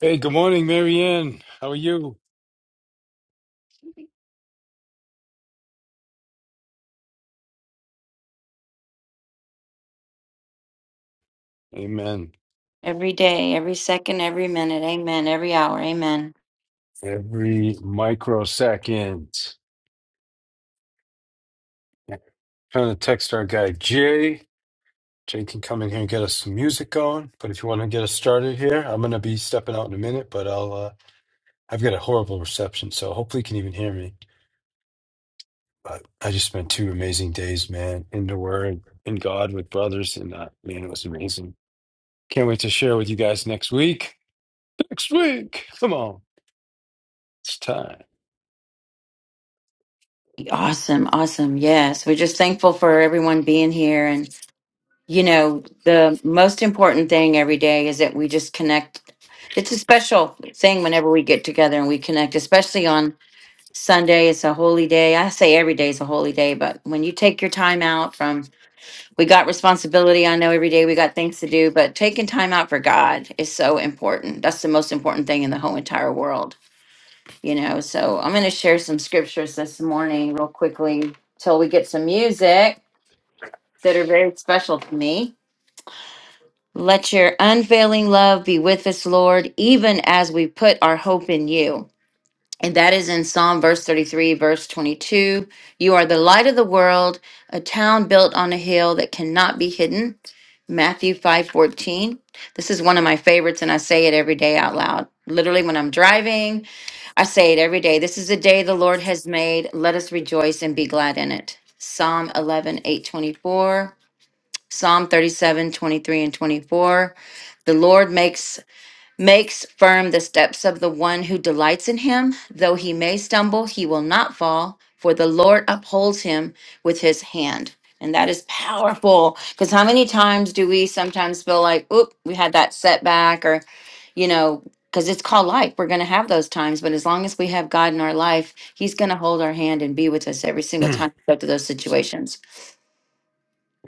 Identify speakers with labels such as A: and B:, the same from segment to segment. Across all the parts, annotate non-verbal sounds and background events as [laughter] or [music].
A: Hey, good morning, Marianne. How are you? Amen.
B: Every day, every second, every minute. Amen. Every hour. Amen.
A: Every microsecond. Trying to text our guy Jay. Jay can come in here and get us some music going. But if you want to get us started here, I'm gonna be stepping out in a minute. But I'll uh, I've got a horrible reception, so hopefully you can even hear me. But I just spent two amazing days, man, in the Word, in God, with brothers, and uh, man, it was amazing. Can't wait to share with you guys next week. Next week, come on, it's time.
B: Awesome. Awesome. Yes. We're just thankful for everyone being here. And, you know, the most important thing every day is that we just connect. It's a special thing whenever we get together and we connect, especially on Sunday. It's a holy day. I say every day is a holy day, but when you take your time out from, we got responsibility. I know every day we got things to do, but taking time out for God is so important. That's the most important thing in the whole entire world you know so i'm going to share some scriptures this morning real quickly till we get some music that are very special to me let your unfailing love be with us lord even as we put our hope in you and that is in psalm verse 33 verse 22 you are the light of the world a town built on a hill that cannot be hidden matthew 5:14. this is one of my favorites and i say it every day out loud literally when i'm driving I say it every day. This is the day the Lord has made. Let us rejoice and be glad in it. Psalm 11 8 24, Psalm 37 23 and 24. The Lord makes makes firm the steps of the one who delights in him. Though he may stumble, he will not fall, for the Lord upholds him with his hand. And that is powerful because how many times do we sometimes feel like, oop, we had that setback, or, you know, because it's called life. We're going to have those times. But as long as we have God in our life, He's going to hold our hand and be with us every
A: [clears throat]
B: single time we go through those situations.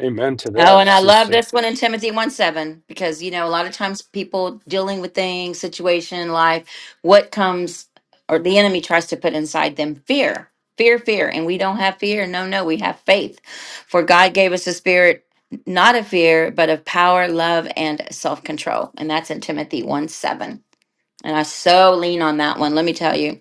A: Amen to
B: Oh,
A: that,
B: and I love
A: sister.
B: this one in Timothy 1 7, because, you know, a lot of times people dealing with things, situation, life, what comes or the enemy tries to put inside them fear, fear, fear. And we don't have fear. No, no, we have faith. For God gave us a spirit, not of fear, but of power, love, and self control. And that's in Timothy 1 7. And I so lean on that one. Let me tell you.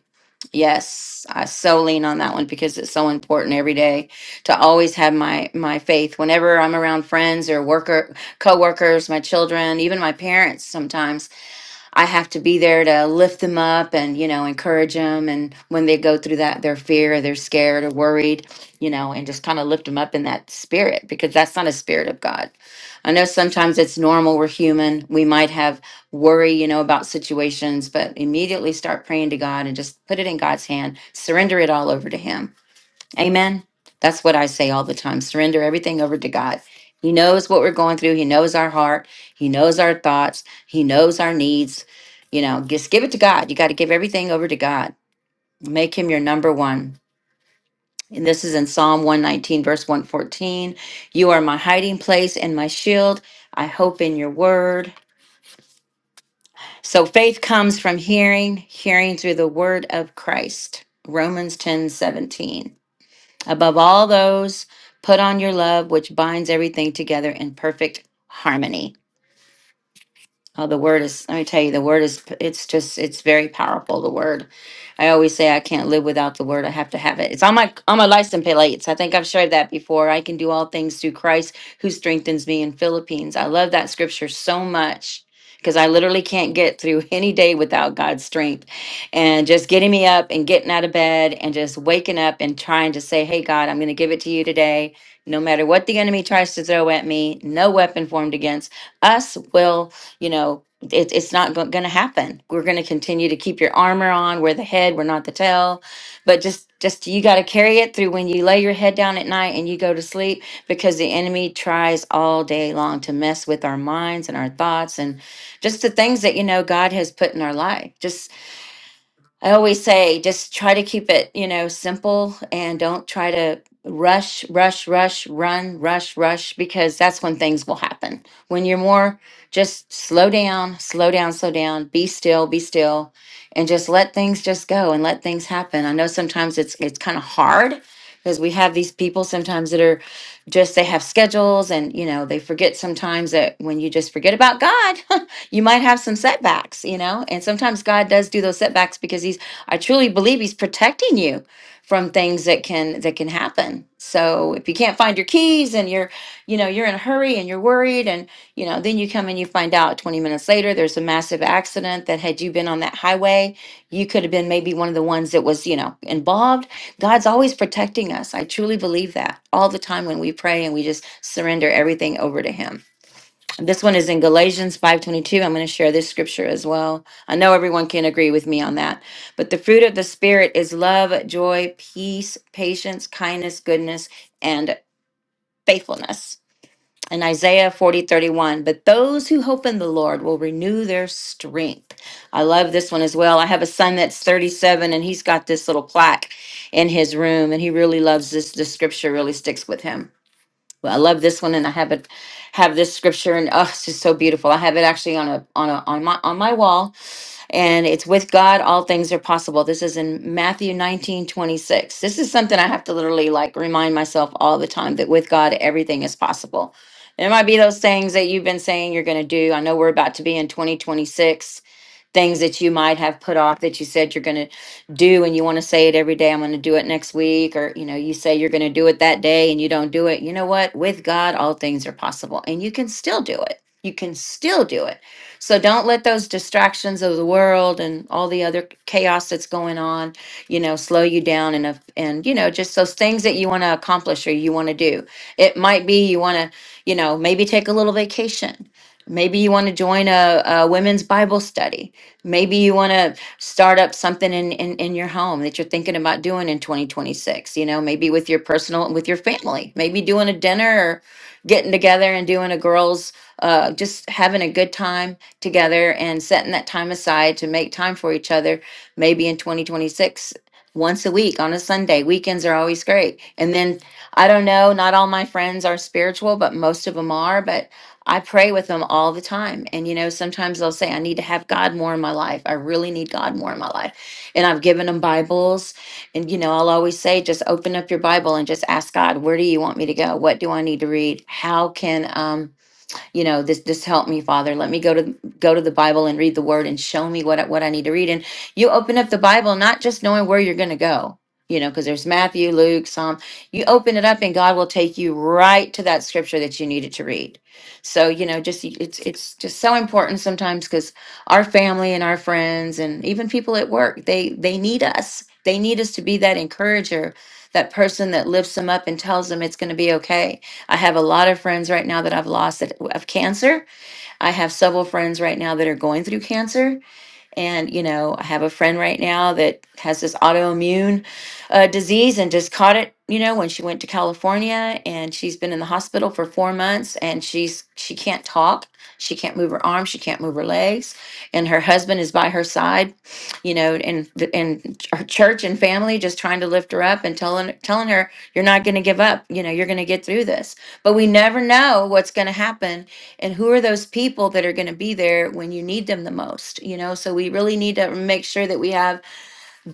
B: Yes, I so lean on that one because it's so important every day to always have my my faith whenever I'm around friends or worker coworkers, my children, even my parents sometimes. I have to be there to lift them up and, you know, encourage them. And when they go through that, their fear, or they're scared or worried, you know, and just kind of lift them up in that spirit because that's not a spirit of God. I know sometimes it's normal. We're human. We might have worry, you know, about situations, but immediately start praying to God and just put it in God's hand, surrender it all over to Him Amen. That's what I say all the time. Surrender everything over to God. He knows what we're going through. He knows our heart. He knows our thoughts. He knows our needs. You know, just give it to God. You got to give everything over to God. Make him your number one. And this is in Psalm 119, verse 114. You are my hiding place and my shield. I hope in your word. So faith comes from hearing, hearing through the word of Christ. Romans 10 17. Above all those, put on your love, which binds everything together in perfect harmony. Oh, the word is, let me tell you, the word is, it's just, it's very powerful, the word. I always say I can't live without the word. I have to have it. It's on my on my license plates. I think I've shared that before. I can do all things through Christ who strengthens me in Philippines. I love that scripture so much because I literally can't get through [laughs] any day without God's strength. And just getting me up and getting out of bed and just waking up and trying to say, "Hey God, I'm going to give it to you today." No matter what the enemy tries to throw at me, no weapon formed against us will you know, it, it's not going to happen. We're going to continue to keep your armor on. We're the head, we're not the tail. But just, just you got to carry it through when you lay your head down at night and you go to sleep because the enemy tries all day long to mess with our minds and our thoughts and just the things that, you know, God has put in our life. Just I always say just try to keep it, you know, simple and don't try to rush, rush, rush, run, rush, rush, because that's when things will happen. When you're more just slow down, slow down, slow down, be still, be still, and just let things just go and let things happen. I know sometimes it's it's kind of hard because we have these people sometimes that are just they have schedules and you know they forget sometimes that when you just forget about God [laughs] you might have some setbacks, you know? And sometimes God does do those setbacks because he's I truly believe he's protecting you from things that can that can happen. So if you can't find your keys and you're, you know, you're in a hurry and you're worried and, you know, then you come and you find out 20 minutes later there's a massive accident that had you been on that highway, you could have been maybe one of the ones that was, you know, involved. God's always protecting us. I truly believe that all the time when we pray and we just surrender everything over to him. This one is in Galatians 5:22. I'm going to share this scripture as well. I know everyone can agree with me on that. But the fruit of the spirit is love, joy, peace, patience, kindness, goodness, and faithfulness. In Isaiah 40:31, but those who hope in the Lord will renew their strength. I love this one as well. I have a son that's 37 and he's got this little plaque in his room and he really loves this. This scripture really sticks with him. Well, I love this one, and I have it have this scripture, and oh, it's just so beautiful. I have it actually on a on a on my on my wall, and it's with God, all things are possible. This is in Matthew nineteen twenty six. This is something I have to literally like remind myself all the time that with God, everything is possible. There might be those things that you've been saying you're going to do. I know we're about to be in 2026 things that you might have put off that you said you're going to do and you want to say it every day i'm going to do it next week or you know you say you're going to do it that day and you don't do it you know what with god all things are possible and you can still do it you can still do it so don't let those distractions of the world and all the other chaos that's going on you know slow you down and if- and you know just those things that you want to accomplish or you want to do it might be you want to you know maybe take a little vacation maybe you want to join a, a women's bible study Maybe you want to start up something in, in in your home that you're thinking about doing in 2026. You know, maybe with your personal with your family. Maybe doing a dinner or getting together and doing a girls uh, just having a good time together and setting that time aside to make time for each other. Maybe in 2026, once a week on a Sunday. Weekends are always great. And then I don't know, not all my friends are spiritual, but most of them are. But I pray with them all the time. And, you know, sometimes they'll say, I need to have God more in my life. I really need God more in my life. And I've given them Bibles. And, you know, I'll always say, just open up your Bible and just ask God, where do you want me to go? What do I need to read? How can, um, you know this this help me father let me go to go to the bible and read the word and show me what I- what i need to read and you open up the bible not just knowing where you're going to go you know because there's matthew luke psalm you open it up and god will take you right to that scripture that you needed to read so you know just y- it's it's just so important sometimes because our family and our friends and even people at work they they need us they need us to be that encourager that person that lifts them up and tells them it's going to be okay I have a lot of friends right now that I've lost that, of cancer. I have several friends right now that are going through cancer. And, you know, I have a friend right now that has this autoimmune uh, disease and just caught it, you know, when she went to California and she's been in the hospital for four months and she's, she can't talk. She can't move her arms. She can't move her legs. And her husband is by her side, you know, and, and her church and family just trying to lift her up and telling, telling her, you're not going to give up. You know, you're going to get through this. But we never know what's going to happen and who are those people that are going to be there when you need them the most you know so we really need to make sure that we have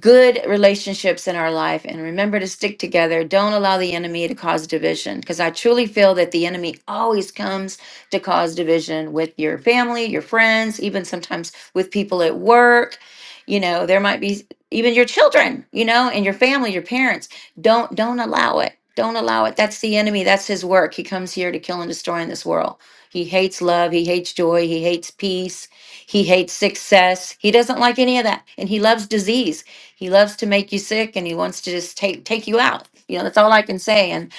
B: good relationships in our life and remember to stick together. Don't allow the enemy to cause division because I truly feel that the enemy always comes to cause division with your family, your friends, even sometimes with people at work. You know, there might be even your children, you know, and your family, your parents. Don't don't allow it. Don't allow it. That's the enemy. That's his work. He comes here to kill and destroy in this world. He hates love, he hates joy, he hates peace, he hates success. He doesn't like any of that and he loves disease. He loves to make you sick and he wants to just take take you out. You know, that's all I can say. And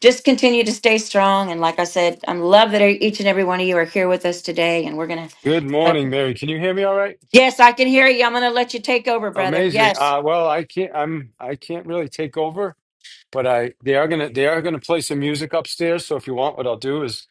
B: just continue to stay strong. And like I said, I'm love that e-, each and every one of you are here with us today. And we're gonna
A: Good
B: like,
A: morning, Mary. Can you hear me all right?
B: Yes, I can hear you. I'm gonna let you take over, brother.
A: Amazing.
B: Yes.
A: Uh, well, I can't. I'm. I can't really take over, but I. They are gonna. They are gonna play some music upstairs. So if you want, what I'll do is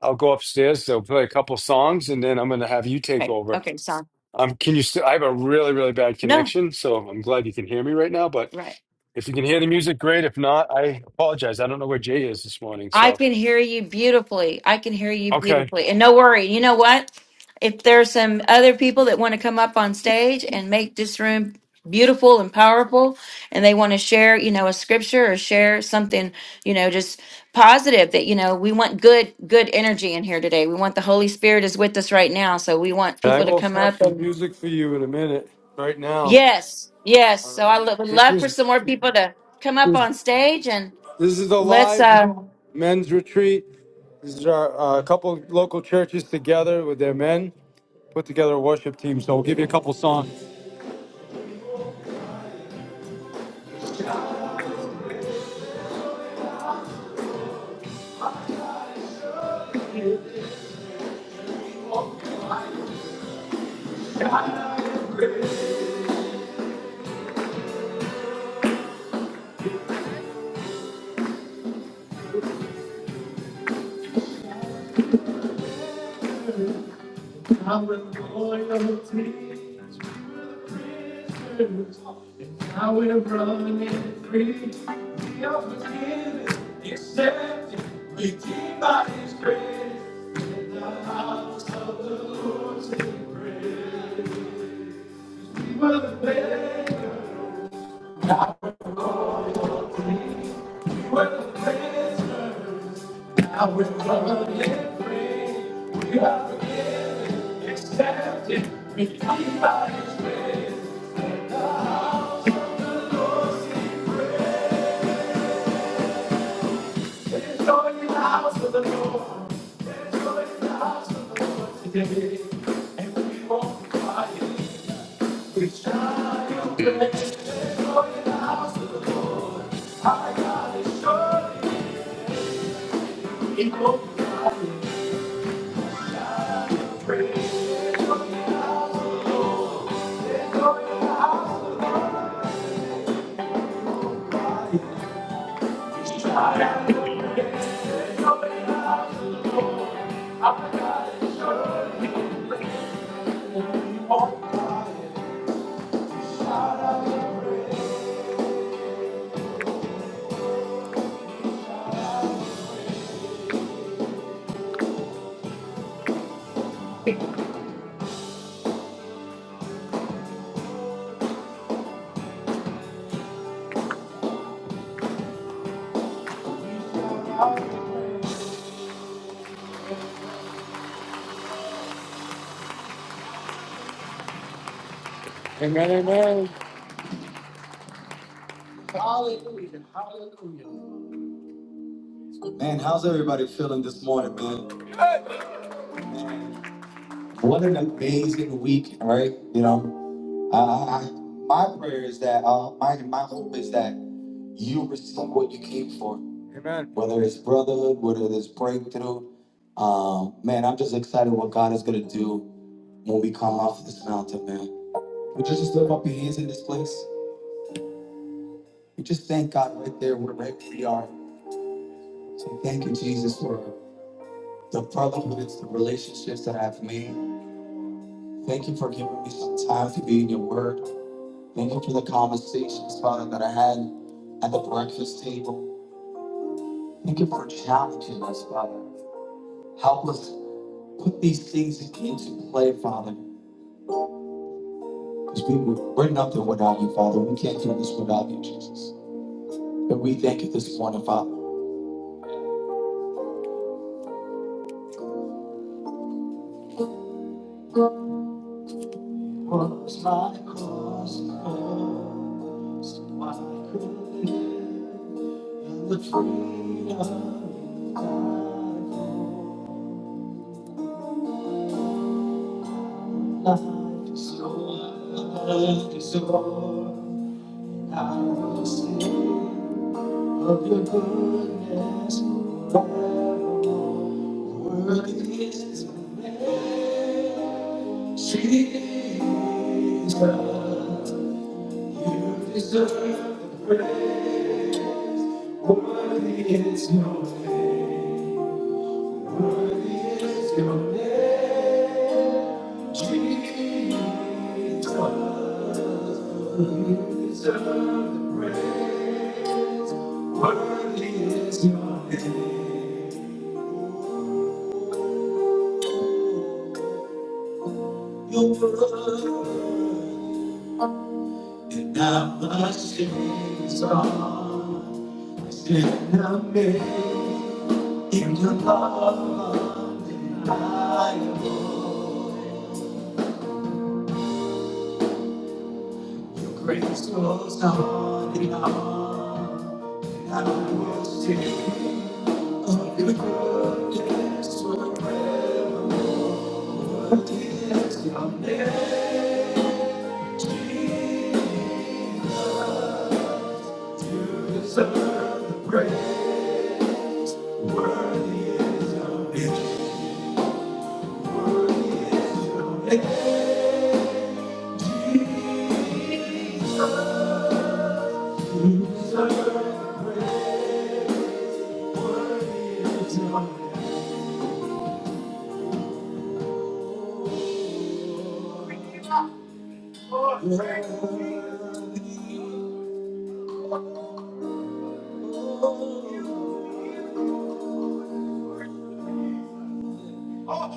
A: I'll go upstairs. They'll play a couple songs, and then I'm gonna have you take
B: Okay.
A: over.
B: Okay, son.
A: Um, can you still? I have a really, really bad
B: No.
A: connection, so I'm glad you can hear me right now. But
B: Right.
A: if you can hear the music, great. If not, I apologize. I don't know where Jay is this morning.
B: I
A: So
B: can hear you beautifully. I can hear you
A: okay.
B: beautifully. And no worry. You know what? If there's some other people that want to come up on stage and make this room beautiful and powerful and they want to share, you know, a scripture or share something, you know, just positive that, you know, we want good good energy in here today. We want the Holy Spirit is with us right now, so we want
A: And I
B: people to
A: will
B: come
A: have
B: up
A: some
B: and
A: music for you in a minute. Right now,
B: yes. Yes.
A: all
B: So I
A: right.
B: lo- would
A: This
B: love for
A: is
B: some more people to come up
A: This
B: on stage and
A: this is a
B: let's
A: live
B: uh
A: men's retreat. This is our uh, a couple of local churches together with their men put together a worship team. So we'll give you a couple songs. Now with loyalty, we were prisoners, and now we're running free. We are forgiven, accepted, redeemed by His grace. The house of the Lord's we were the beggar, now we're running There's joy in the house of the Lord. There's in the house of the Lord today. And we won't be quiet. We shall praise. There's joy in the house of the Lord. Amen, amen. Hallelujah, hallelujah. Man, how's everybody feeling this morning, man? Man, What an amazing week, right? You know? Uh, I, my prayer is that uh, my my hope is that you receive what you came for. Amen. Whether it's brotherhood, whether it's breakthrough, um, man, I'm just excited what God is gonna do when we come off this mountain, man. Would you just lift up your hands in this place? We just thank God right there, where right where we are. Say thank you, Jesus, for the brotherhoods, the relationships that I've made. Thank you for giving me some time to be in your word. Thank you for the conversations, Father, that I had at the breakfast table. Thank you for challenging us, Father. Help us put these things into play, Father, because we, we're nothing without you, Father. We can't do this without you, Jesus. And we thank you this morning, Father. The freedom of life is yours, life is yours. I will sing. of your goodness forevermore. Worthy is the name, Jesus. Worthy is your name, worthy is your name, Jesus. Deserve the praise. Worthy is your name, is your name.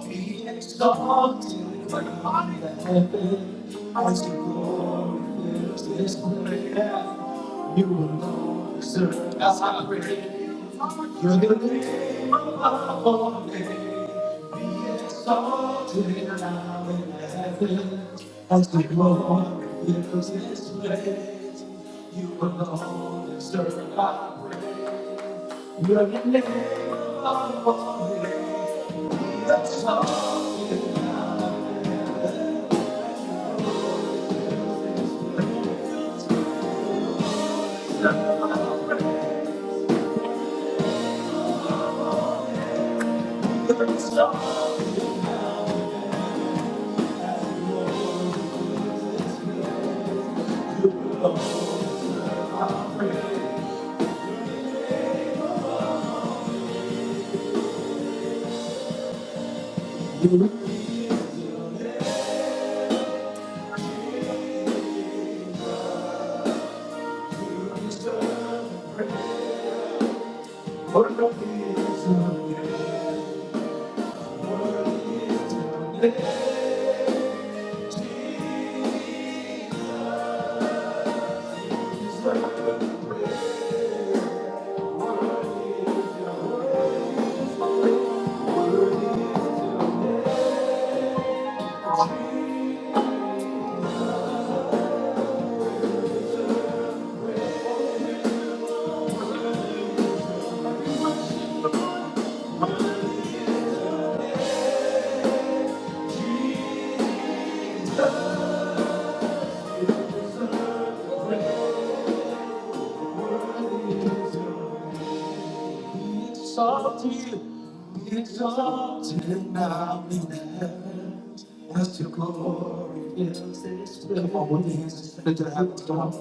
A: Be exalted as the glory fills this place. You alone deserve our praise. You're the name above all names. Be exalted now in heaven as the glory fills this place. You alone deserve our praise. You're the name above all names. Be exalted now in heaven. For your peace, you deserve praise. You deserve praise. Exalted, exalted now in the highest glory fills this place. Come on, with your hands lift to heaven, come on.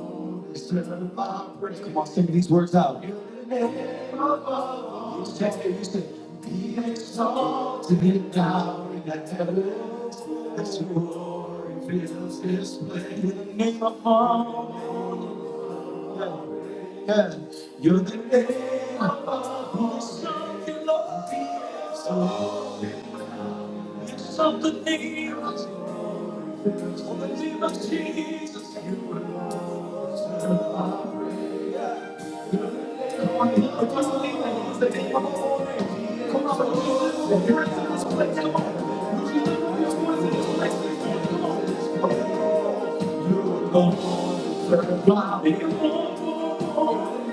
A: It's driven by praise. Come on, sing these words out. You're the name above. all. You say, you say, be exalted now in the heavens. As your glory fills this place. In the name above. all. Yeah, you're the name who is broken love. So lift up the name, on the name of Jesus, you will love. Come on, people, just believe that it's the name of the Lord. Come on, believe that it's the place. Come on, believe that it's the place. Come on, you're the Lord, you're the God, you're the Lord, you're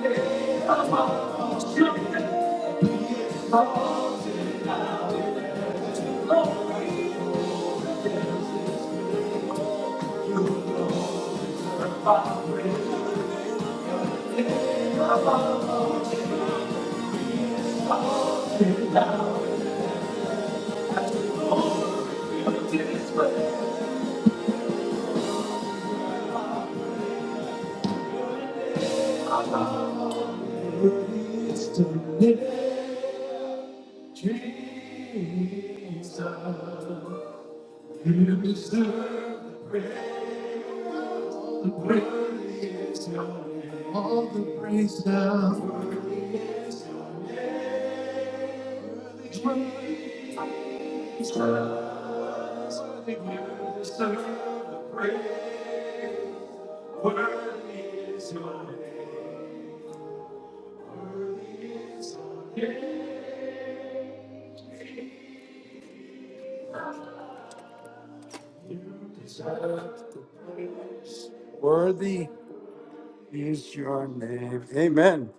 A: the name of the Lord. praise You, deserve the praise. Worthy is Your name. All the praise now. Worthy is your name. Worthy is your name. Worthy is your name. Amen.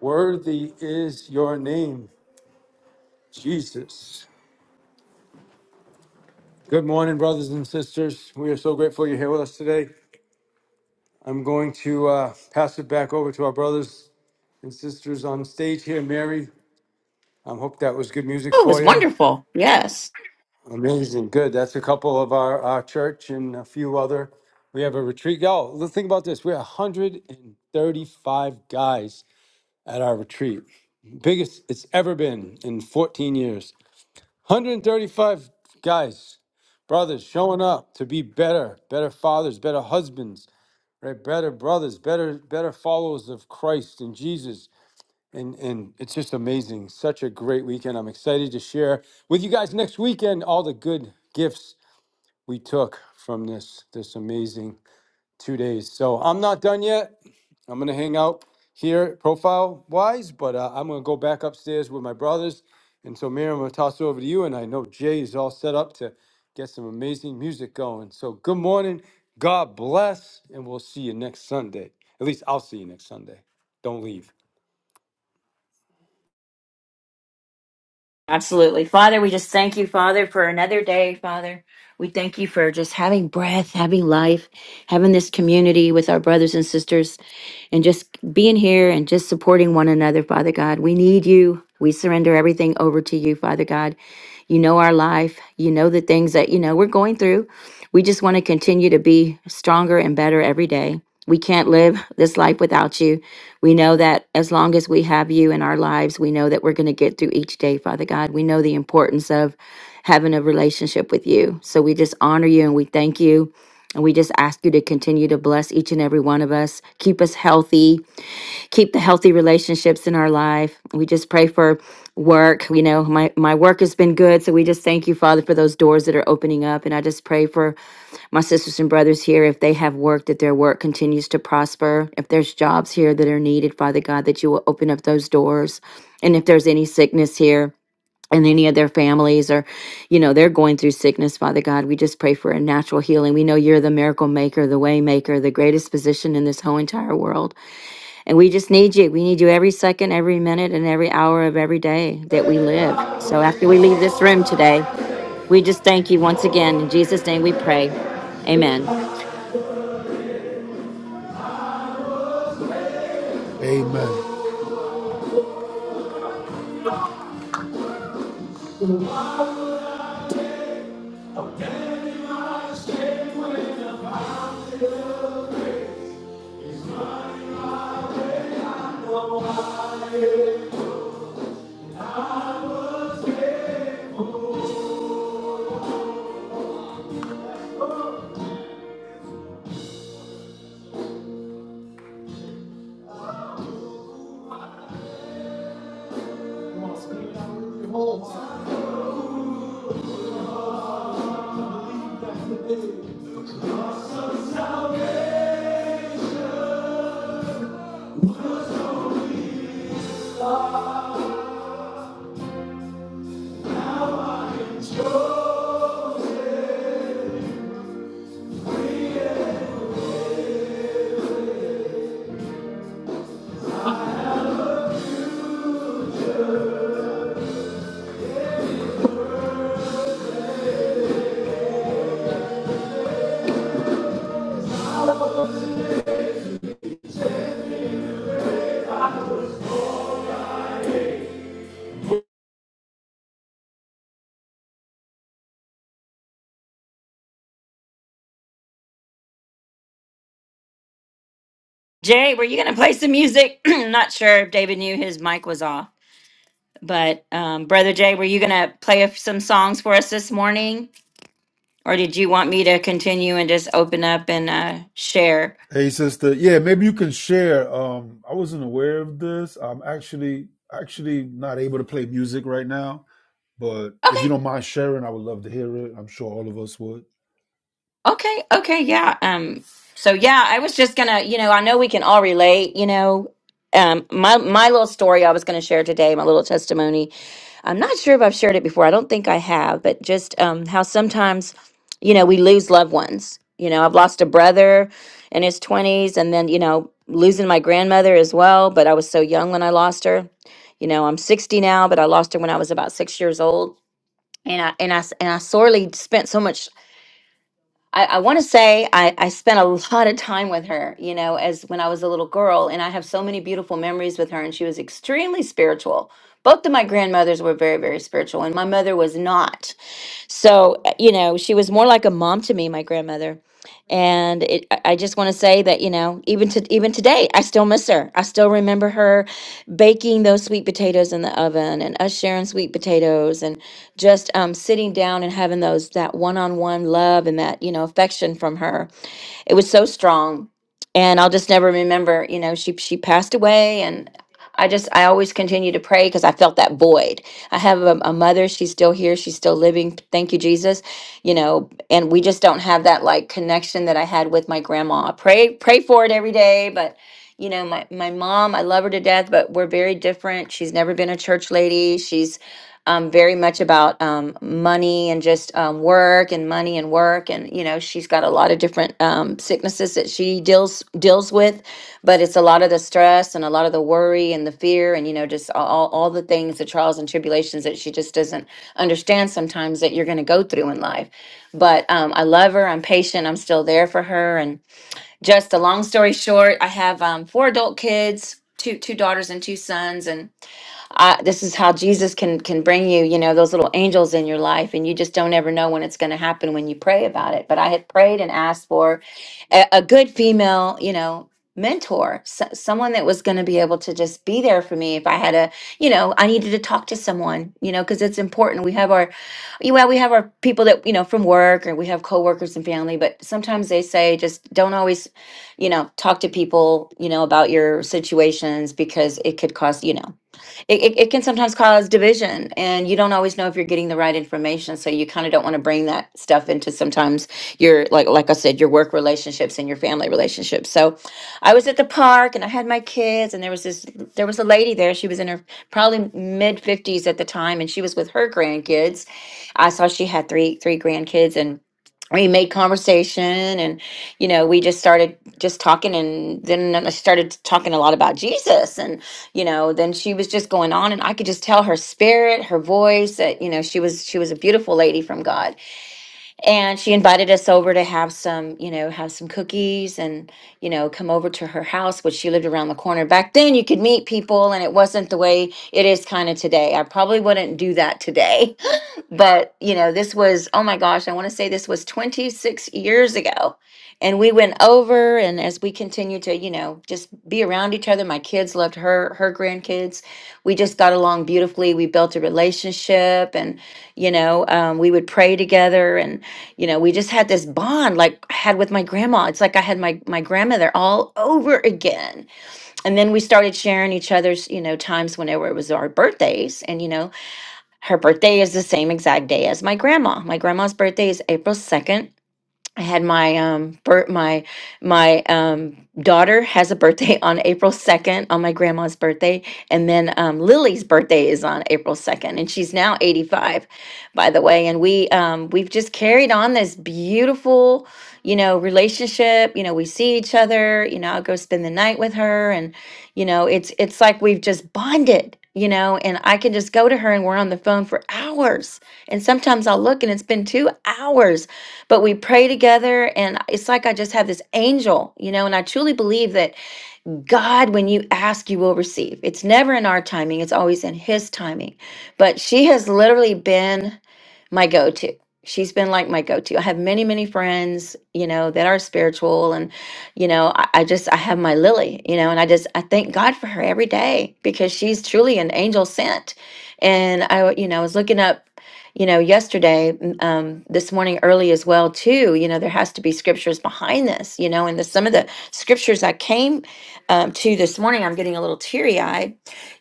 A: Worthy is your name, Jesus. Good morning, brothers and sisters. We are so grateful you're here with us today. I'm going to uh, pass it back over to our brothers and sisters on stage here. Mary, I hope that was good music
B: oh, it
A: for
B: was
A: you.
B: wonderful. Yes.
A: Amazing. Good. That's a couple of our, our church and a few other. We have a retreat. Y'all, think about this. We're 135 guys at our retreat. Biggest it's ever been in 14 years. 135 guys, brothers showing up to be better, better fathers, better husbands, right? Better brothers, better, better followers of Christ and Jesus. And and it's just amazing. Such a great weekend. I'm excited to share with you guys next weekend all the good gifts we took from this this amazing two days. So I'm not done yet. I'm gonna hang out here profile wise, but uh, I'm gonna go back upstairs with my brothers. And so, Miriam, I'm gonna toss it over to you. And I know Jay is all set up to get some amazing music going. So, good morning. God bless, and we'll see you next Sunday. At least I'll see you next Sunday. Don't leave.
B: Absolutely. Father, we just thank you, Father, for another day, Father. We thank you for just having breath, having life, having this community with our brothers and sisters, and just being here and just supporting one another, Father God. We need you. We surrender everything over to you, Father God. You know our life. You know the things that, you know, we're going through. We just want to continue to be stronger and better every day. We can't live this life without you. We know that as long as we have you in our lives, we know that we're going to get through each day, Father God. We know the importance of having a relationship with you. So we just honor you and we thank you. And we just ask you to continue to bless each and every one of us. Keep us healthy. Keep the healthy relationships in our life. We just pray for work. You know, my, my work has been good. So we just thank you, Father, for those doors that are opening up. And I just pray for my sisters and brothers here, if they have work, that their work continues to prosper. If there's jobs here that are needed, Father God, that you will open up those doors. And if there's any sickness here, and any of their families or you know they're going through sickness father god we just pray for a natural healing we know you're the miracle maker the way maker the greatest physician in this whole entire world and we just need you we need you every second every minute and every hour of every day that we live so after we leave this room today we just thank you once again in jesus name we pray amen
C: Amen.
B: Jay, were you going to play some music? [clears throat] Not sure if David knew his mic was off, but um, Brother Jay, were you going to play a- some songs for us this morning? Or did you want me to continue and just open up and uh, share?
C: Hey, sister. Yeah, maybe you can share. Um, I wasn't aware of this. I'm actually actually not able to play music right now, but if you
B: Okay,
C: don't mind sharing, I would love to hear it. I'm sure all of us would.
B: okay, okay, yeah. Um, so yeah, I was just gonna, you know, I know we can all relate, you know. Um, my my little story I was gonna share today, my little testimony I'm not sure if I've shared it before. I don't think I have, but just um, how sometimes, you know, we lose loved ones. You know, I've lost a brother in his 20s and then, you know, losing my grandmother as well, but I was so young when I lost her. You know, I'm 60 now, but I lost her when I was about 6 years old. And I and I s- and I sorely spent so much I, I want to say I, I spent a lot of time with her, you know, as when I was a little girl, and I have so many beautiful memories with her. And she was extremely spiritual. Both of my grandmothers were very, very spiritual, and my mother was not. So, uh, you know, she was more like a mom to me, my grandmother. And it, I I just want to say that, you know, even to even today, I still miss her. I still remember her baking those sweet potatoes in the oven and us sharing sweet potatoes and just um, sitting down and having those that one-on-one love and that, you know, affection from her it was so strong and i'll just never remember you know she she passed away and i just i always continue to pray because i felt that void i have a, a mother she's still here she's still living thank you jesus you know and we just don't have that like connection that i had with my grandma I pray pray for it every day but you know my, my mom i love her to death but we're very different she's never been a church lady she's um, very much about um, money and just um, work and money and work and you know she's got a lot of different um, sicknesses that she deals deals with but it's a lot of the stress and a lot of the worry and the fear and you know just all, all the things the trials and tribulations that she just doesn't understand sometimes that you're going to go through in life but um, i love her i'm patient i'm still there for her and just a long story short i have um, four adult kids two two daughters and two sons and I, this is how Jesus can can bring you, you know, those little angels in your life, and you just don't ever know when it's going to happen when you pray about it. But I had prayed and asked for a, a good female, you know, mentor, so, someone that was going to be able to just be there for me if I had a, you know, I needed to talk to someone, you know, because it's important. We have our, you- well, we have our people that you know from work, or we have coworkers and family, but sometimes they say just don't always you know talk to people you know about your situations because it could cost you know it, it, it can sometimes cause division and you don't always know if you're getting the right information so you kind of don't want to bring that stuff into sometimes your like like i said your work relationships and your family relationships so i was at the park and i had my kids and there was this there was a lady there she was in her probably mid 50s at the time and she was with her grandkids i saw she had three three grandkids and we made conversation and you know we just started just talking and then i started talking a lot about jesus and you know then she was just going on and i could just tell her spirit her voice that you know she was she was a beautiful lady from god and she invited us over to have some you know have some cookies and you know come over to her house which she lived around the corner back then you could meet people and it wasn't the way it is kind of today i probably wouldn't do that today but you know this was oh my gosh i want to say this was 26 years ago and we went over and as we continued to you know just be around each other my kids loved her her grandkids we just got along beautifully we built a relationship and you know um, we would pray together and you know we just had this bond like i had with my grandma it's like i had my my grandmother all over again and then we started sharing each other's you know times whenever it was our birthdays and you know her birthday is the same exact day as my grandma. My grandma's birthday is April 2nd, I had my um birth my my um daughter has a birthday [laughs] on April 2nd on my grandma's birthday and then um Lily's birthday is on April 2nd and she's now 85 by the way and we um we've just carried on this beautiful you know relationship you know we see each other you know I'll go spend the night with her and you know it's it's like we've just bonded you know and I can just go to her and we're on the phone for hours and sometimes I'll look and it's been 2 hours but we pray together and it's like i just have this angel you know and i truly believe that god when you ask you will receive it's never in our timing it's always in his timing but she has literally been my go-to. She's been like my go-to. I have many, many friends, you know, that are spiritual and, you know, I, I just I have my Lily, you know, and I just I thank God for her every day because she's truly an angel sent. And I, you know, I was looking up, you know, yesterday, mm, um, this morning early as well too. You know, there has to be scriptures behind this, you know, and the some of the scriptures I came um, to this morning, I'm getting a little teary-eyed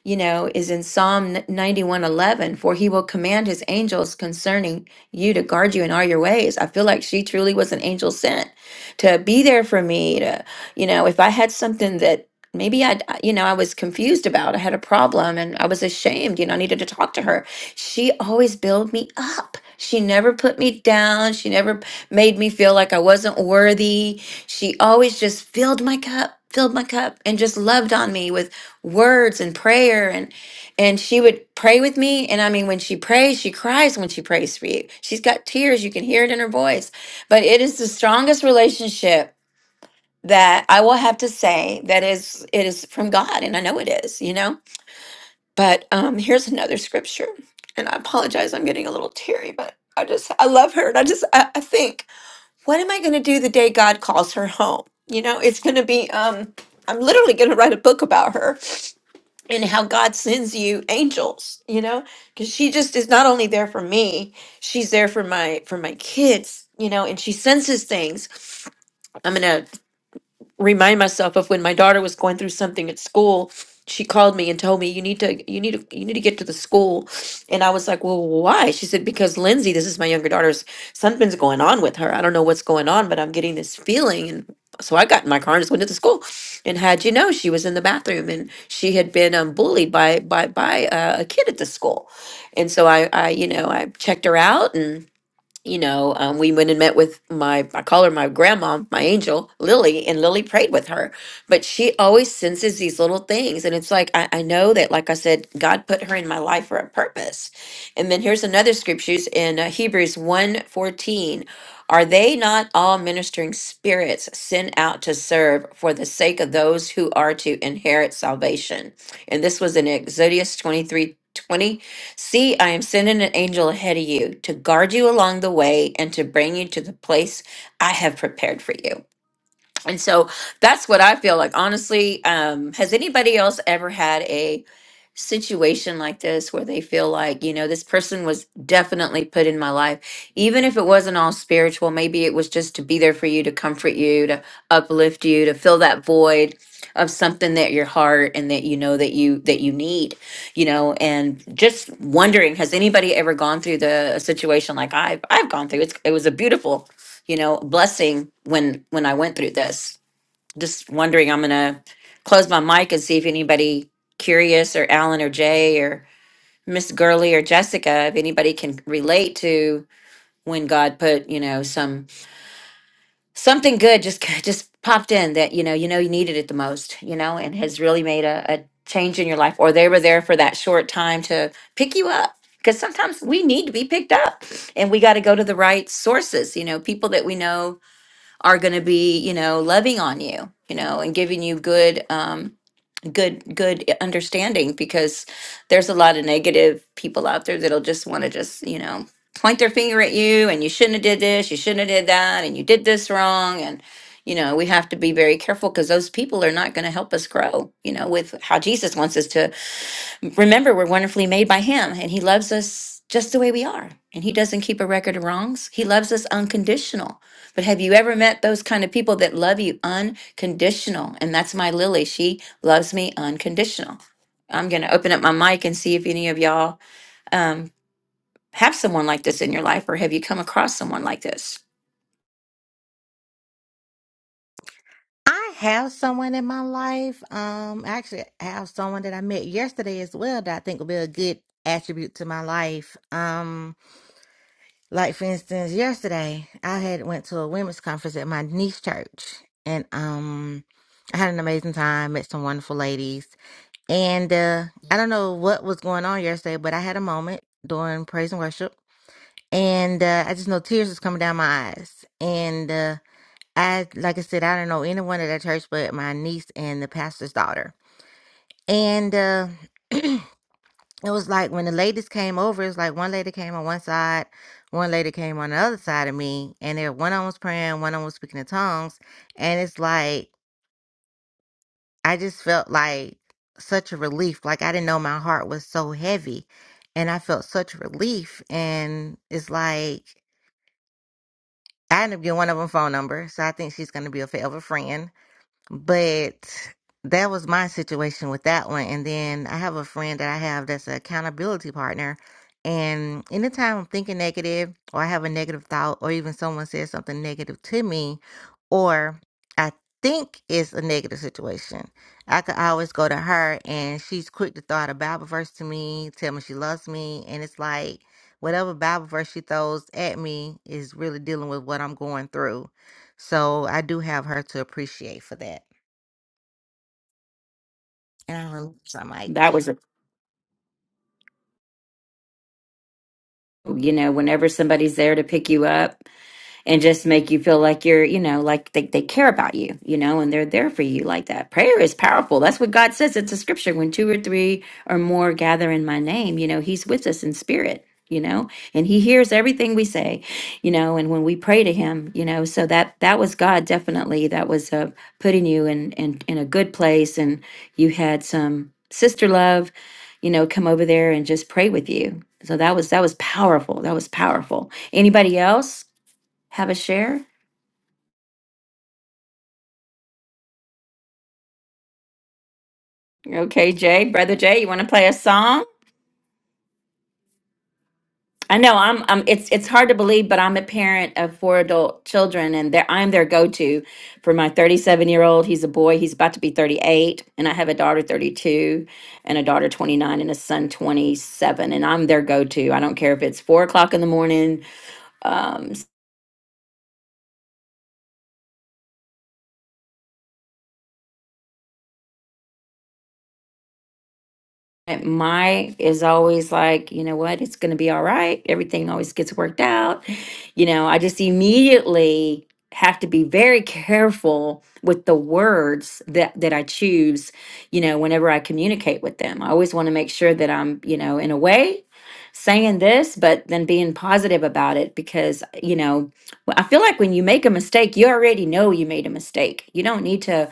B: you know, is in Psalm 91:11, for he will command his angels concerning you to guard you in all your ways. I feel like she truly was an angel sent to be there for me to, you know, if I had something that maybe I, you know, I was confused about, I had a problem and I was ashamed, you know, I needed to talk to her. She always built me up. She never put me down. She never made me feel like I wasn't worthy. She always just filled my cup, filled my cup, and just loved on me with words and prayer and and she would pray with me and i mean when she prays she cries when she prays for you she's got tears you can hear it in her voice but it is the strongest relationship that i will have to say that is it is from god and i know it is you know but um here's another scripture and i apologize i'm getting a little teary but i just i love her and i just i, I think what am i going to do the day god calls her home you know it's going to be um i'm literally going to write a book about her and how God sends you angels, you know, because she just is not only there for me, she's there for my for my kids, you know, and she senses things remind myself of when my daughter was going through something at school she called me and told me you need to you need to you need to get to the school and i was like well why she said because lindsay this is my younger daughter's something's going on with her i don't know what's going on but i'm getting this feeling and so i got in my car and just went to the school and had you know she was in the bathroom and she had been um, bullied by by by uh, a kid at the school and so i i you know i checked her out and you know, um, we went and met with my, I call her my grandma, my angel, Lily, and Lily prayed with her. But she always senses these little things. And it's like, I, I know that, like I said, God put her in my life for a purpose. And then here's another scriptures in uh, Hebrews one fourteen: Are they not all ministering spirits sent out to serve for the sake of those who are to inherit salvation? And this was in Exodus 23 20. See, I am sending an angel ahead of you to guard you along the way and to bring you to the place I have prepared for you. And so that's what I feel like. Honestly, um, has anybody else ever had a situation like this where they feel like, you know, this person was definitely put in my life, even if it wasn't all spiritual, maybe it was just to be there for you, to comfort you, to uplift you, to fill that void of something that your heart and that you know that you that you need, you know, and just wondering, has anybody ever gone through the a situation like I've I've gone through? It's it was a beautiful you know blessing when when i went through this just wondering i'm gonna close my mic and see if anybody curious or alan or jay or miss Gurley or jessica if anybody can relate to when god put you know some something good just [laughs] just popped in that you know you know you needed it the most you know and has really made a, a change in your life or they were there for that short time to pick you up because sometimes we need to be picked up and we got to go to the right sources you know people that we know are going to be you know loving on you you know and giving you good um good good understanding because there's a lot of negative people out there that'll just want to just you know point their finger at you and you shouldn't have did this you shouldn't have did that and you did this wrong and you know we have to be very careful because those people are not going to help us grow you know with how jesus wants us to remember we're wonderfully made by him and he loves us just the way we are and he doesn't keep a record of wrongs he loves us unconditional but have you ever met those kind of people that love you unconditional and that's my lily she loves me unconditional i'm going to open up my mic and see if any of y'all um, have someone like this in your life or have you come across someone like this
D: I have someone in my life. Um, I actually have someone that I met yesterday as well that I think will be a good attribute to my life. Um, like for instance, yesterday I had went to a women's conference at my niece church, and um, I had an amazing time. Met some wonderful ladies, and uh, I don't know what was going on yesterday, but I had a moment during praise and worship, and uh, I just know tears was coming down my eyes, and. Uh, I like I said, I don't know anyone at that church but my niece and the pastor's daughter. And uh [clears throat] it was like when the ladies came over, it's like one lady came on one side, one lady came on the other side of me, and there one of 'em was praying, one of 'em was speaking in tongues, and it's like I just felt like such a relief. Like I didn't know my heart was so heavy. And I felt such relief and it's like I ended up getting one of them phone number, so I think she's gonna be a forever friend But that was my situation with that one. And then I have a friend that I have that's an accountability partner. And anytime I'm thinking negative or I have a negative thought or even someone says something negative to me or I think it's a negative situation, I could always go to her and she's quick to throw out a Bible verse to me, tell me she loves me. And it's like whatever Bible verse she throws at me is really dealing with what I'm going through. So I do have her to appreciate for that. And I remember, so I'm like,
B: that was a you know whenever somebody's there to pick you up and just make you feel like you're, you know, like they, they care about you, you know, and they're there for you like that. Prayer is powerful. That's what God says. It's a scripture. When two or three or more gather in my name, you know, He's with us in spirit, you know, and He hears everything we say, you know, and when we pray to Him, you know, so that that was God definitely. That was uh, putting you in, in in a good place, and you had some sister love, you know, come over there and just pray with you. So that was that was powerful. That was powerful. Anybody else? Have a share? Okay, Jay, brother Jay, you want to play a song? I know I'm. I'm. It's it's hard to believe, but I'm a parent of four adult children, and they're, I'm their go-to for my 37-year-old. He's a boy. He's about to be 38, and I have a daughter 32, and a daughter 29, and a son 27, and I'm their go-to. I don't care if it's four o'clock in the morning, um, my is always like, you know what, it's going to be all right. Everything always gets worked out. You know, I just immediately have to be very careful with the words that that I choose, you know, whenever I communicate with them. I always want to make sure that I'm, you know, in a way saying this but then being positive about it because you know I feel like when you make a mistake you already know you made a mistake. You don't need to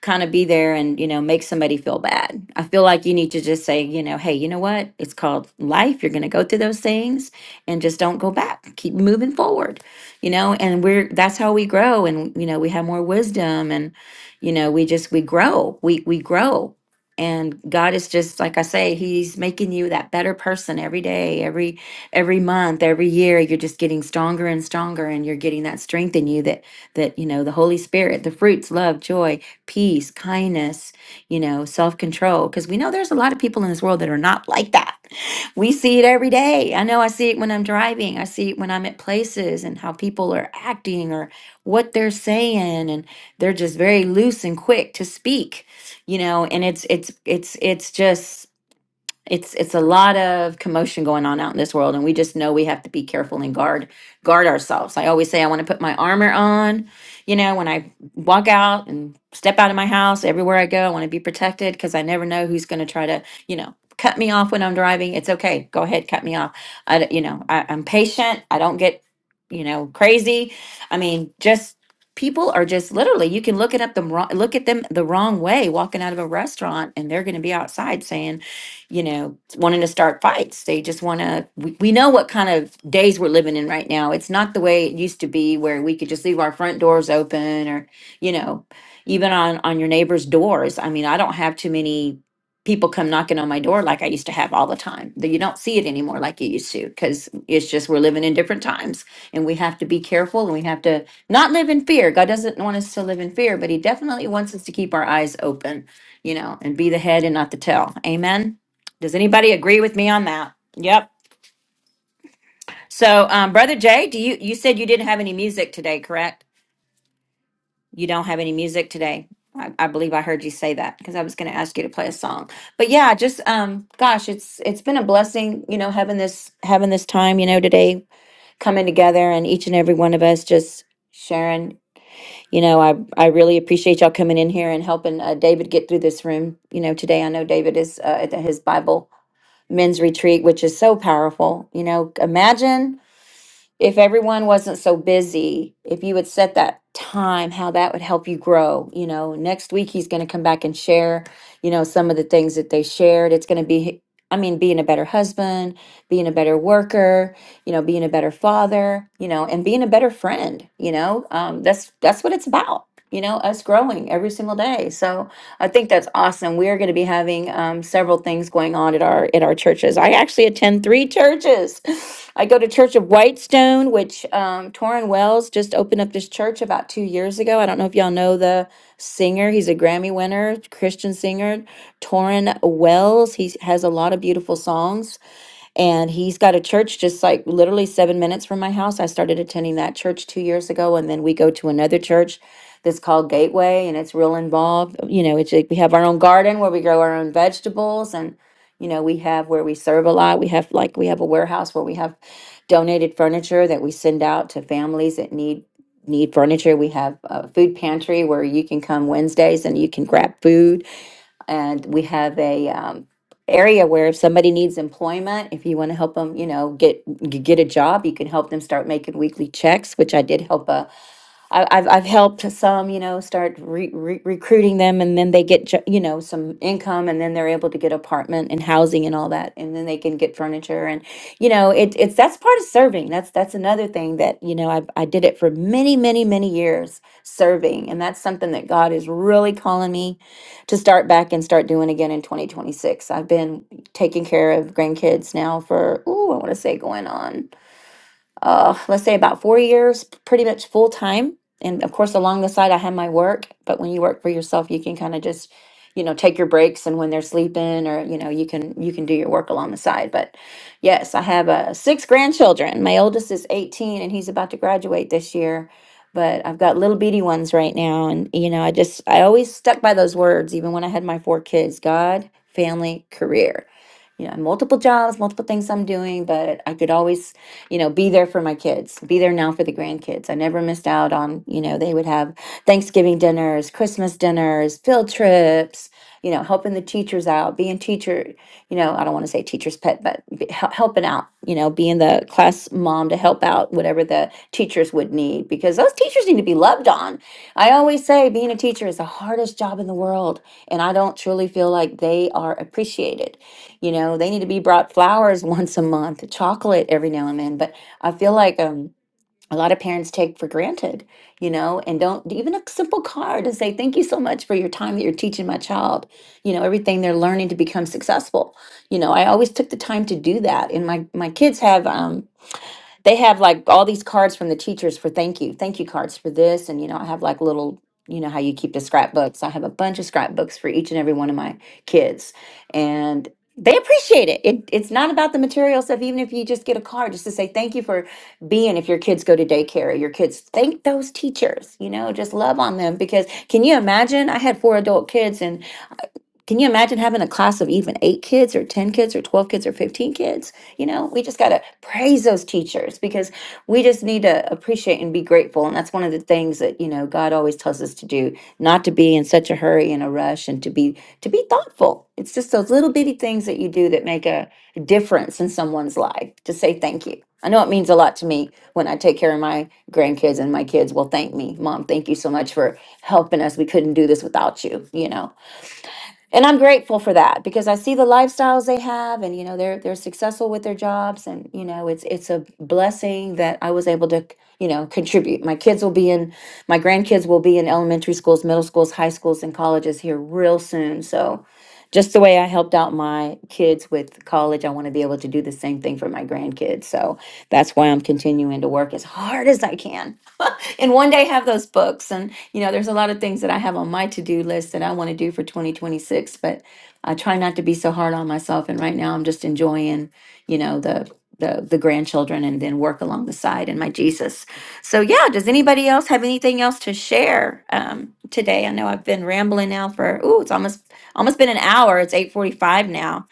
B: kind of be there and, you know, make somebody feel bad. I feel like you need to just say, you know, hey, you know what? It's called life. You're going to go through those things and just don't go back. Keep moving forward, you know, and we're, that's how we grow. And, you know, we have more wisdom and, you know, we just, we grow, we, we grow. And God is just, like I say, he's making you that better person every day, every, every month every year you're just getting stronger and stronger and you're getting that strength in you that that you know the holy spirit the fruits love joy peace, kindness, you know, self control. Because we know there's a lot of people in this world that are not like that. We see it every day. I know I see it when I'm driving, I see it when I'm at places and how people are acting or what they're saying. And they're just very loose and quick to speak, you know, and it's, it's, it's, it's just, it's it's a lot of commotion going on out in this world and we just know we have to be careful and guard guard ourselves i always say i want to put my armor on you know when i walk out and step out of my house everywhere i go i want to be protected because i never know who's going to try to you know cut me off when i'm driving it's okay go ahead cut me off i d- you know I, i'm patient i don't get you know crazy i mean just people are just literally you can look it up the wrong look at them the wrong way walking out of a restaurant and they're going to be outside saying you know, wanting to start fights. They just want to, we, we know what kind of days we're living in right now. It's not the way it used to be where we could just leave our front doors open or, you know, even on, on your neighbor's doors. I mean, I don't have too many people come knocking on my door like I used to have all the time. That You don't see it anymore like you used to because it's just we're living in different times and we have to be careful and we have to not live in fear. God doesn't want us to live in fear, but He definitely wants us to keep our eyes open, you know, and be the head and not the tail. Amen. Does anybody agree with me on that? Yep. So, um, Brother Jay, do you you said you didn't have any music today, correct? You don't have any music today. I, I believe I heard you say that because I was going to ask you to play a song. But yeah, just um, gosh, it's it's been a blessing, you know, having this having this time, you know, today coming together and each and every one of us just sharing. You know, I I really appreciate y'all coming in here and helping uh, David get through this room. You know, today I know David is uh, at his Bible men's retreat, which is so powerful. You know, imagine if everyone wasn't so busy, if you would set that time, how that would help you grow. You know, next week he's going to come back and share, you know, some of the things that they shared. It's going to be, I mean, being a better husband, being a better worker, you know, being a better father, you know, and being a better friend, you know, um, that's, that's what it's about, you know, us growing every single day. So, I think that's awesome. We are going to be having um, several things going on at our at our churches. I actually attend three churches. [laughs] I go to Church of Whitestone, which um, Torrin Wells just opened up this church about two years ago. I don't know if y'all know the singer. He's a Grammy winner, Christian singer, Torrin Wells. He has a lot of beautiful songs. And he's got a church just like literally seven minutes from my house. I started attending that church two years ago. And then we go to another church that's called Gateway and it's real involved. You know, it's like we have our own garden where we grow our own vegetables and, you know, we have where we serve a lot. We have like, we have a warehouse where we have donated furniture that we send out to families that need need furniture we have a food pantry where you can come wednesdays and you can grab food and we have a um, area where if somebody needs employment if you want to help them you know get g- get a job you can help them start making weekly checks which i did help a I, I've I've helped some, you know, start re- re- recruiting them, and then they get jo- you know some income, and then they're able to get apartment and housing and all that, and then they can get furniture, and you know, it, it's that's part of serving. That's that's another thing that you know I I did it for many many many years serving, and that's something that God is really calling me to start back and start doing again in 2026. I've been taking care of grandkids now for ooh I want to say going on uh, let's say about four years, pretty much full time. And of course, along the side, I had my work. But when you work for yourself, you can kind of just, you know, take your breaks and when they're sleeping, or you know, you can you can do your work along the side. But yes, I have uh, six grandchildren. My oldest is 18, and he's about to graduate this year. But I've got little beady ones right now, and you know, I just I always stuck by those words, even when I had my four kids: God, family, career. You know, multiple jobs, multiple things I'm doing, but I could always you know, be there for my kids, be there now for the grandkids. I never missed out on, you know, they would have Thanksgiving dinners, Christmas dinners, field trips, you know, helping the teachers out, being teacher, you know, I don't want to say teacher's pet, but be, hel- helping out, you know, being the class mom to help out whatever the teachers would need because those teachers need to be loved on. I always say being a teacher is the hardest job in the world, and I don't truly feel like they are appreciated you know, they need to be brought flowers [laughs] once a month, chocolate every now and then. But I feel like um, a lot of parents take for granted, you know, and don't even a simple card to say, thank you so much for your time that you're teaching my child, you know, everything they're learning to become successful. You know, I always took the time to do that. And my, my kids have, um, they have like all these cards from the teachers for thank you, thank you cards for this. And, you know, I have like little, you know, how you keep the scrapbooks. I have a bunch of scrapbooks for each and every one of my kids. And they appreciate it. it. It's not about the material stuff, even if you just get a card just to say thank you for being, if your kids go to daycare, or your kids thank those teachers, you know, just love on them. Because can you imagine? I had four adult kids and can you imagine having a class of even eight kids or 10 kids or 12 kids or 15 kids? You know, we just got to praise those teachers because we just need to appreciate and be grateful. And that's one of the things that, you know, God always tells us to do, not to be in such a hurry and a rush and to be to be thoughtful. It's just those little bitty things that you do that make a difference in someone's life to say thank you. I know it means a lot to me when I take care of my grandkids and my kids will thank me. Mom, thank you so much for helping us. We couldn't do this without you, you know and I'm grateful for that because I see the lifestyles they have, and you know they're they're successful with their jobs, and you know it's it's a blessing that I was able to you know contribute. My kids will be in, my grandkids will be in elementary schools, middle schools, high schools, and colleges here real soon. So, just the way I helped out my kids with college, I want to be able to do the same thing for my grandkids. So that's why I'm continuing to work as hard as I can and one day have those books. And, you know, there's a lot of things that I have on my to do list that I want to do for 2026, but I try not to be so hard on myself. And right now I'm just enjoying, you know, the, the, the grandchildren and then work along the side and my Jesus. So yeah, does anybody else have anything else to share um, today? I know I've been rambling now for ooh, it's almost almost been an hour. It's eight forty five now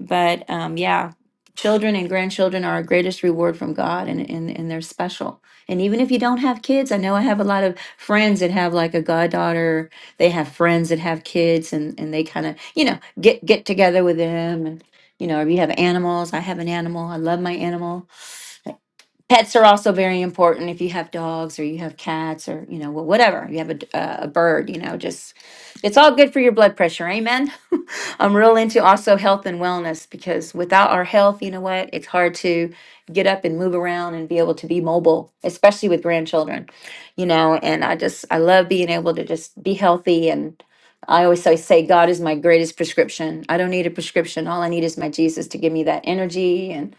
B: but um, yeah children and grandchildren are our greatest reward from god and, and and they're special and even if you don't have kids i know i have a lot of friends that have like a goddaughter they have friends that have kids and and they kind of you know get get together with them and you know if you have animals i have an animal i love my animal pets are also very important if you have dogs or you have cats or you know well, whatever you have a, d- uh, a bird you know just it's all good for your blood pressure amen I'm real into also health and wellness because without our health, you know what? It's hard to get up and move around and be able to be mobile, especially with grandchildren, you know. And I just, I love being able to just be healthy. And I always say, say, God is my greatest prescription. I don't need a prescription. All I need is my Jesus to give me that energy and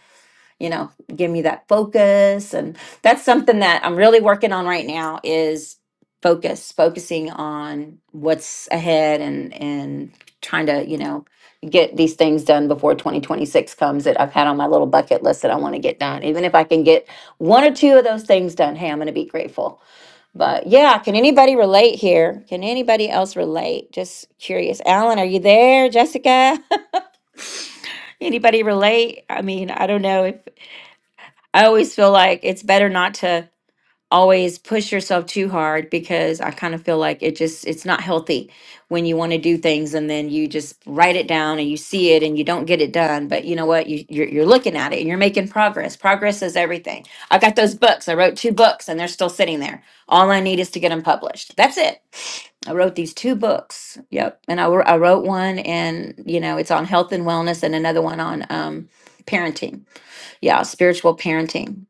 B: you know give me that focus and that's something that i'm really working on right now is focus focusing on what's ahead and and trying to you know get these things done before 2026 comes that i've had on my little bucket list that i want to get done even if i can get one or two of those things done hey i'm going to be grateful but yeah can anybody relate here can anybody else relate just curious alan are you there jessica [laughs] anybody relate i mean i don't know if I always feel like it's better not to always push yourself too hard because I kind of feel like it just it's not healthy when you want to do things and then you just write it down and you see it and you don't get it done but you know what you you're, you're looking at it and you're making progress progress is everything I have got those books I wrote two books and they're still sitting there all I need is to get them published that's it I wrote these two books yep and I, wr- I wrote one and you know it's on health and wellness and another one on um parenting yeah spiritual parenting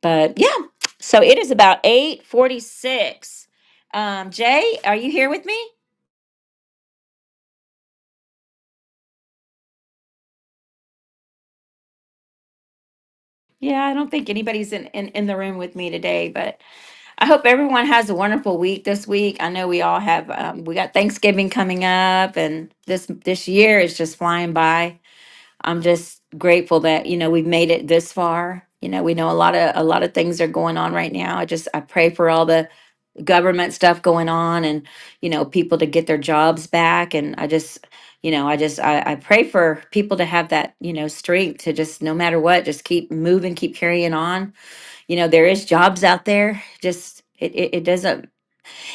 B: but yeah so it is about 846 um jay are you here with me yeah i don't think anybody's in, in in the room with me today but i hope everyone has a wonderful week this week i know we all have um, we got thanksgiving coming up and this this year is just flying by i'm just grateful that you know we've made it this far you know we know a lot of a lot of things are going on right now i just i pray for all the government stuff going on and you know people to get their jobs back and i just you know i just I, I pray for people to have that you know strength to just no matter what just keep moving keep carrying on you know there is jobs out there just it, it, it doesn't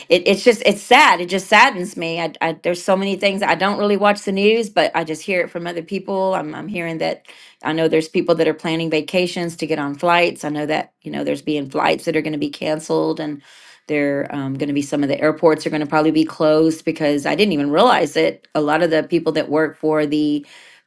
B: it, it's just it's sad. It just saddens me. I, I there's so many things I don't really watch the news, but I just hear it from other people. I'm I'm hearing that I know there's people that are planning vacations to get on flights. I know that you know there's being flights that are going to be canceled and. There um, going to be some of the airports are going to probably be closed because I didn't even realize it. A lot of the people that work for the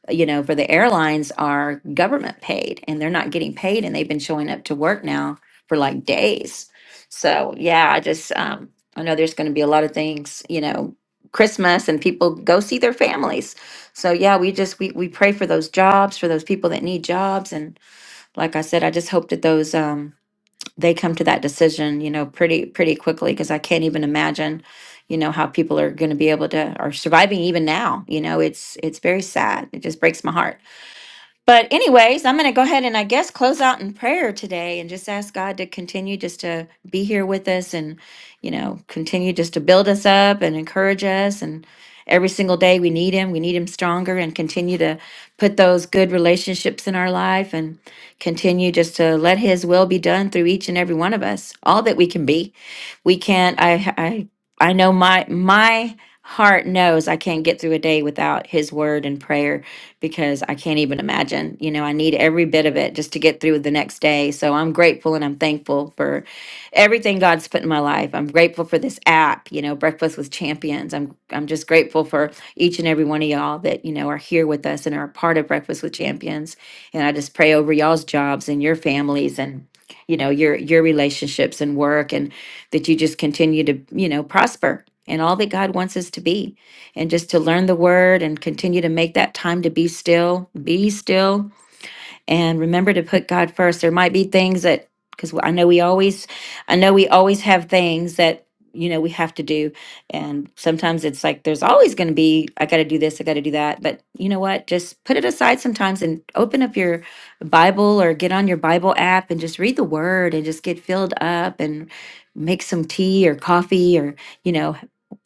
B: you know, for the airlines are government paid and they're not getting paid and they've been showing up to work now for like days. So yeah, I just um I know there's going to be a lot of things, you know, Christmas and people go see their families. So yeah, we just we we pray for those jobs, for those people that need jobs and like I said, I just hope that those um they come to that decision, you know, pretty pretty quickly because I can't even imagine, you know, how people are going to be able to are surviving even now. You know, it's it's very sad. It just breaks my heart. But, anyways, I'm going to go ahead and I guess close out in prayer today and just ask God to continue just to be here with us and, you know, continue just to build us up and encourage us. And every single day we need Him, we need Him stronger and continue to put those good relationships in our life and continue just to let His will be done through each and every one of us, all that we can be. We can't, I, I, I know my, my, Heart knows I can't get through a day without his word and prayer because I can't even imagine. You know, I need every bit of it just to get through the next day. So I'm grateful and I'm thankful for everything God's put in my life. I'm grateful for this app, you know, Breakfast with Champions. I'm I'm just grateful for each and every one of y'all that, you know, are here with us and are a part of Breakfast with Champions. And I just pray over y'all's jobs and your families and you know, your your relationships and work and that you just continue to, you know, prosper and all that God wants us to be and just to learn the word and continue to make that time to be still, be still and remember to put God first. There might be things that because I know we always, I know we always have things that you know we have to do, and sometimes it's like there's always going to be I got to do this, I got to do that. But you know what? Just put it aside sometimes and open up your Bible or get on your Bible app and just read the Word and just get filled up and make some tea or coffee or you know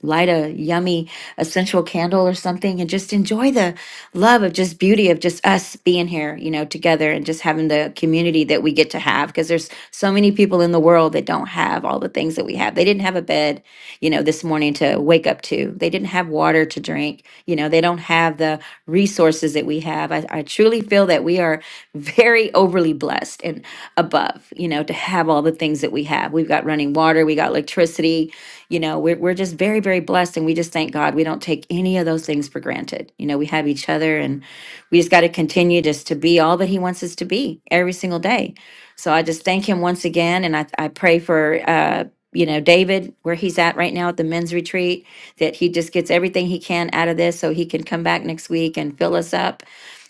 B: light a yummy essential candle or something and just enjoy the love of just beauty of just us being here, you know, together and just having the community that we get to have because there's so many people in the world that don't have all the things that we have. They didn't have a bed, you know, this morning to wake up to. They didn't have water to drink. You know, they don't have the resources that we have. I, I truly feel that we are very overly blessed and above, you know, to have all the things that we have. We've got running water, we got electricity, you know we're, we're just very very blessed and we just thank god we don't take any of those things for granted you know we have each other and we just got to continue just to be all that he wants us to be every single day so i just thank him once again and i, I pray for uh you know david where he's at right now at the men's retreat that he just gets everything he can out of this so he can come back next week and fill us up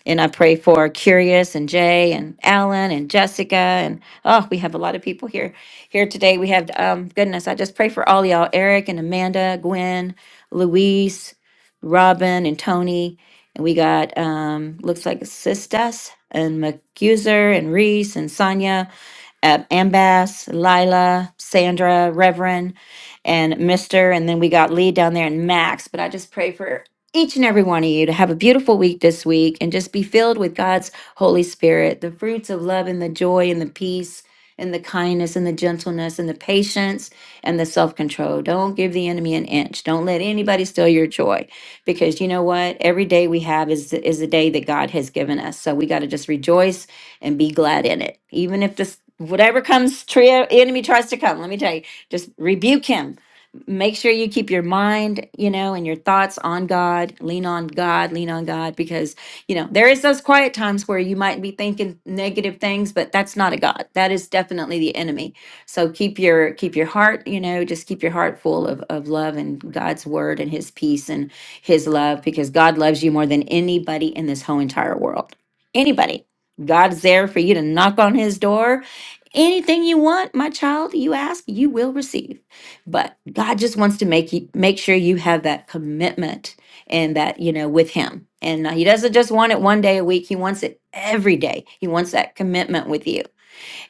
B: and I pray for Curious and Jay and Alan and Jessica and oh, we have a lot of people here here today. We have, um, goodness, I just pray for all y'all Eric and Amanda, Gwen, Luis, Robin, and Tony. And we got, um, looks like Sistas and McCuser and Reese and Sonia uh, Ambas, Lila, Sandra, Reverend, and Mister. And then we got Lee down there and Max. But I just pray for each and every one of you to have a beautiful week this week and just be filled with God's Holy Spirit, the fruits of love and the joy and the peace and the kindness and the gentleness and the patience and the self control. Don't give the enemy an inch. Don't let anybody steal your joy because you know what? Every day we have is, is the day that God has given us. So we got to just rejoice and be glad in it. Even if this whatever comes trio enemy tries to come, let me tell you, just rebuke him. Make sure you keep your mind, you know, and your thoughts on God. Lean on God, lean on God because, you know, there is those quiet times where you might be thinking negative things, but that's not a God. That is definitely the enemy. So keep your keep your heart, you know, just keep your heart full of of love and God's word and his peace and his love because God loves you more than anybody in this whole entire world. Anybody. God's there for you to knock on his door. Anything you want, my child, you ask, you will receive. But God just wants to make you make sure you have that commitment and that, you know, with him. And uh, he doesn't just want it one day a week, he wants it every day. He wants that commitment with you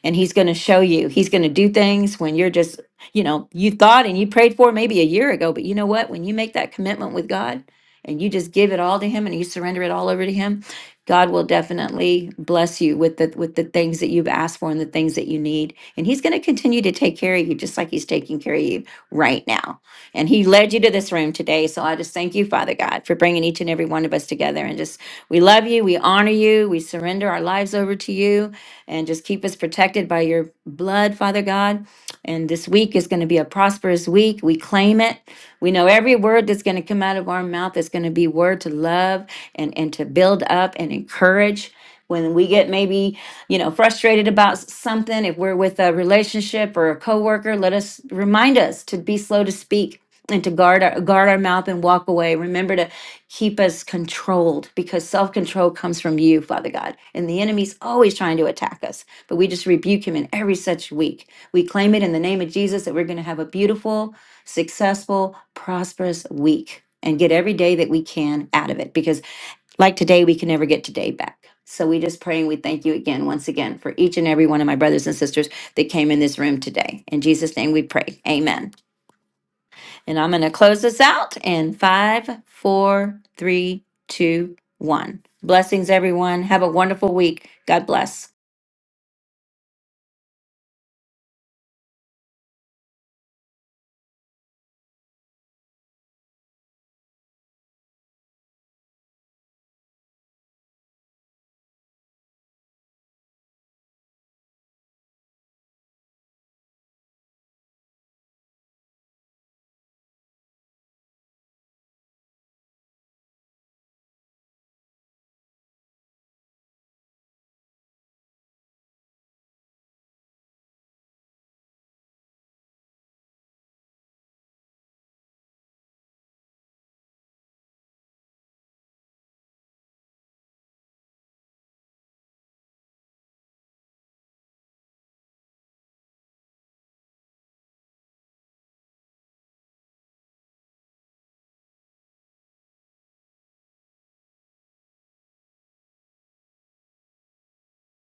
B: and he's going to show you. He's going to do things when you're just, you know, you thought and you prayed for maybe a year ago, but you know what? When you make that commitment with God and you just give it all to him and you surrender it all over to him, God will definitely bless you with the with the things that you've asked for and the things that you need. And he's going to continue to take care of you just like he's taking care of you right now. And he led you to this room today, so I just thank you, Father God, for bringing each and every one of us together and just we love you, we honor you, we surrender our lives over to you and just keep us protected by your blood, Father God. And this week is going to be a prosperous week. We claim it. We know every word that's going to come out of our mouth is going to be word to love and, and to build up and encourage. When we get maybe, you know, frustrated about s- something, if we're with a relationship or a coworker, let us remind us to be slow to speak and to guard our guard our mouth and walk away. Remember to keep us controlled because self control comes from you, Father God. And the enemy's always trying to attack us, but we just rebuke him in every such week. We claim it in the name of Jesus that we're going to have a beautiful, successful, prosperous week and get every day that we can out of it because, like today, we can never get today back. So we just pray and we thank you again, once again, for each and every one of my brothers and sisters that came in this room today. In Jesus' name we pray. Amen. And I'm going to close this out in five, four, three, two, one. Blessings, everyone. Have a wonderful week. God bless.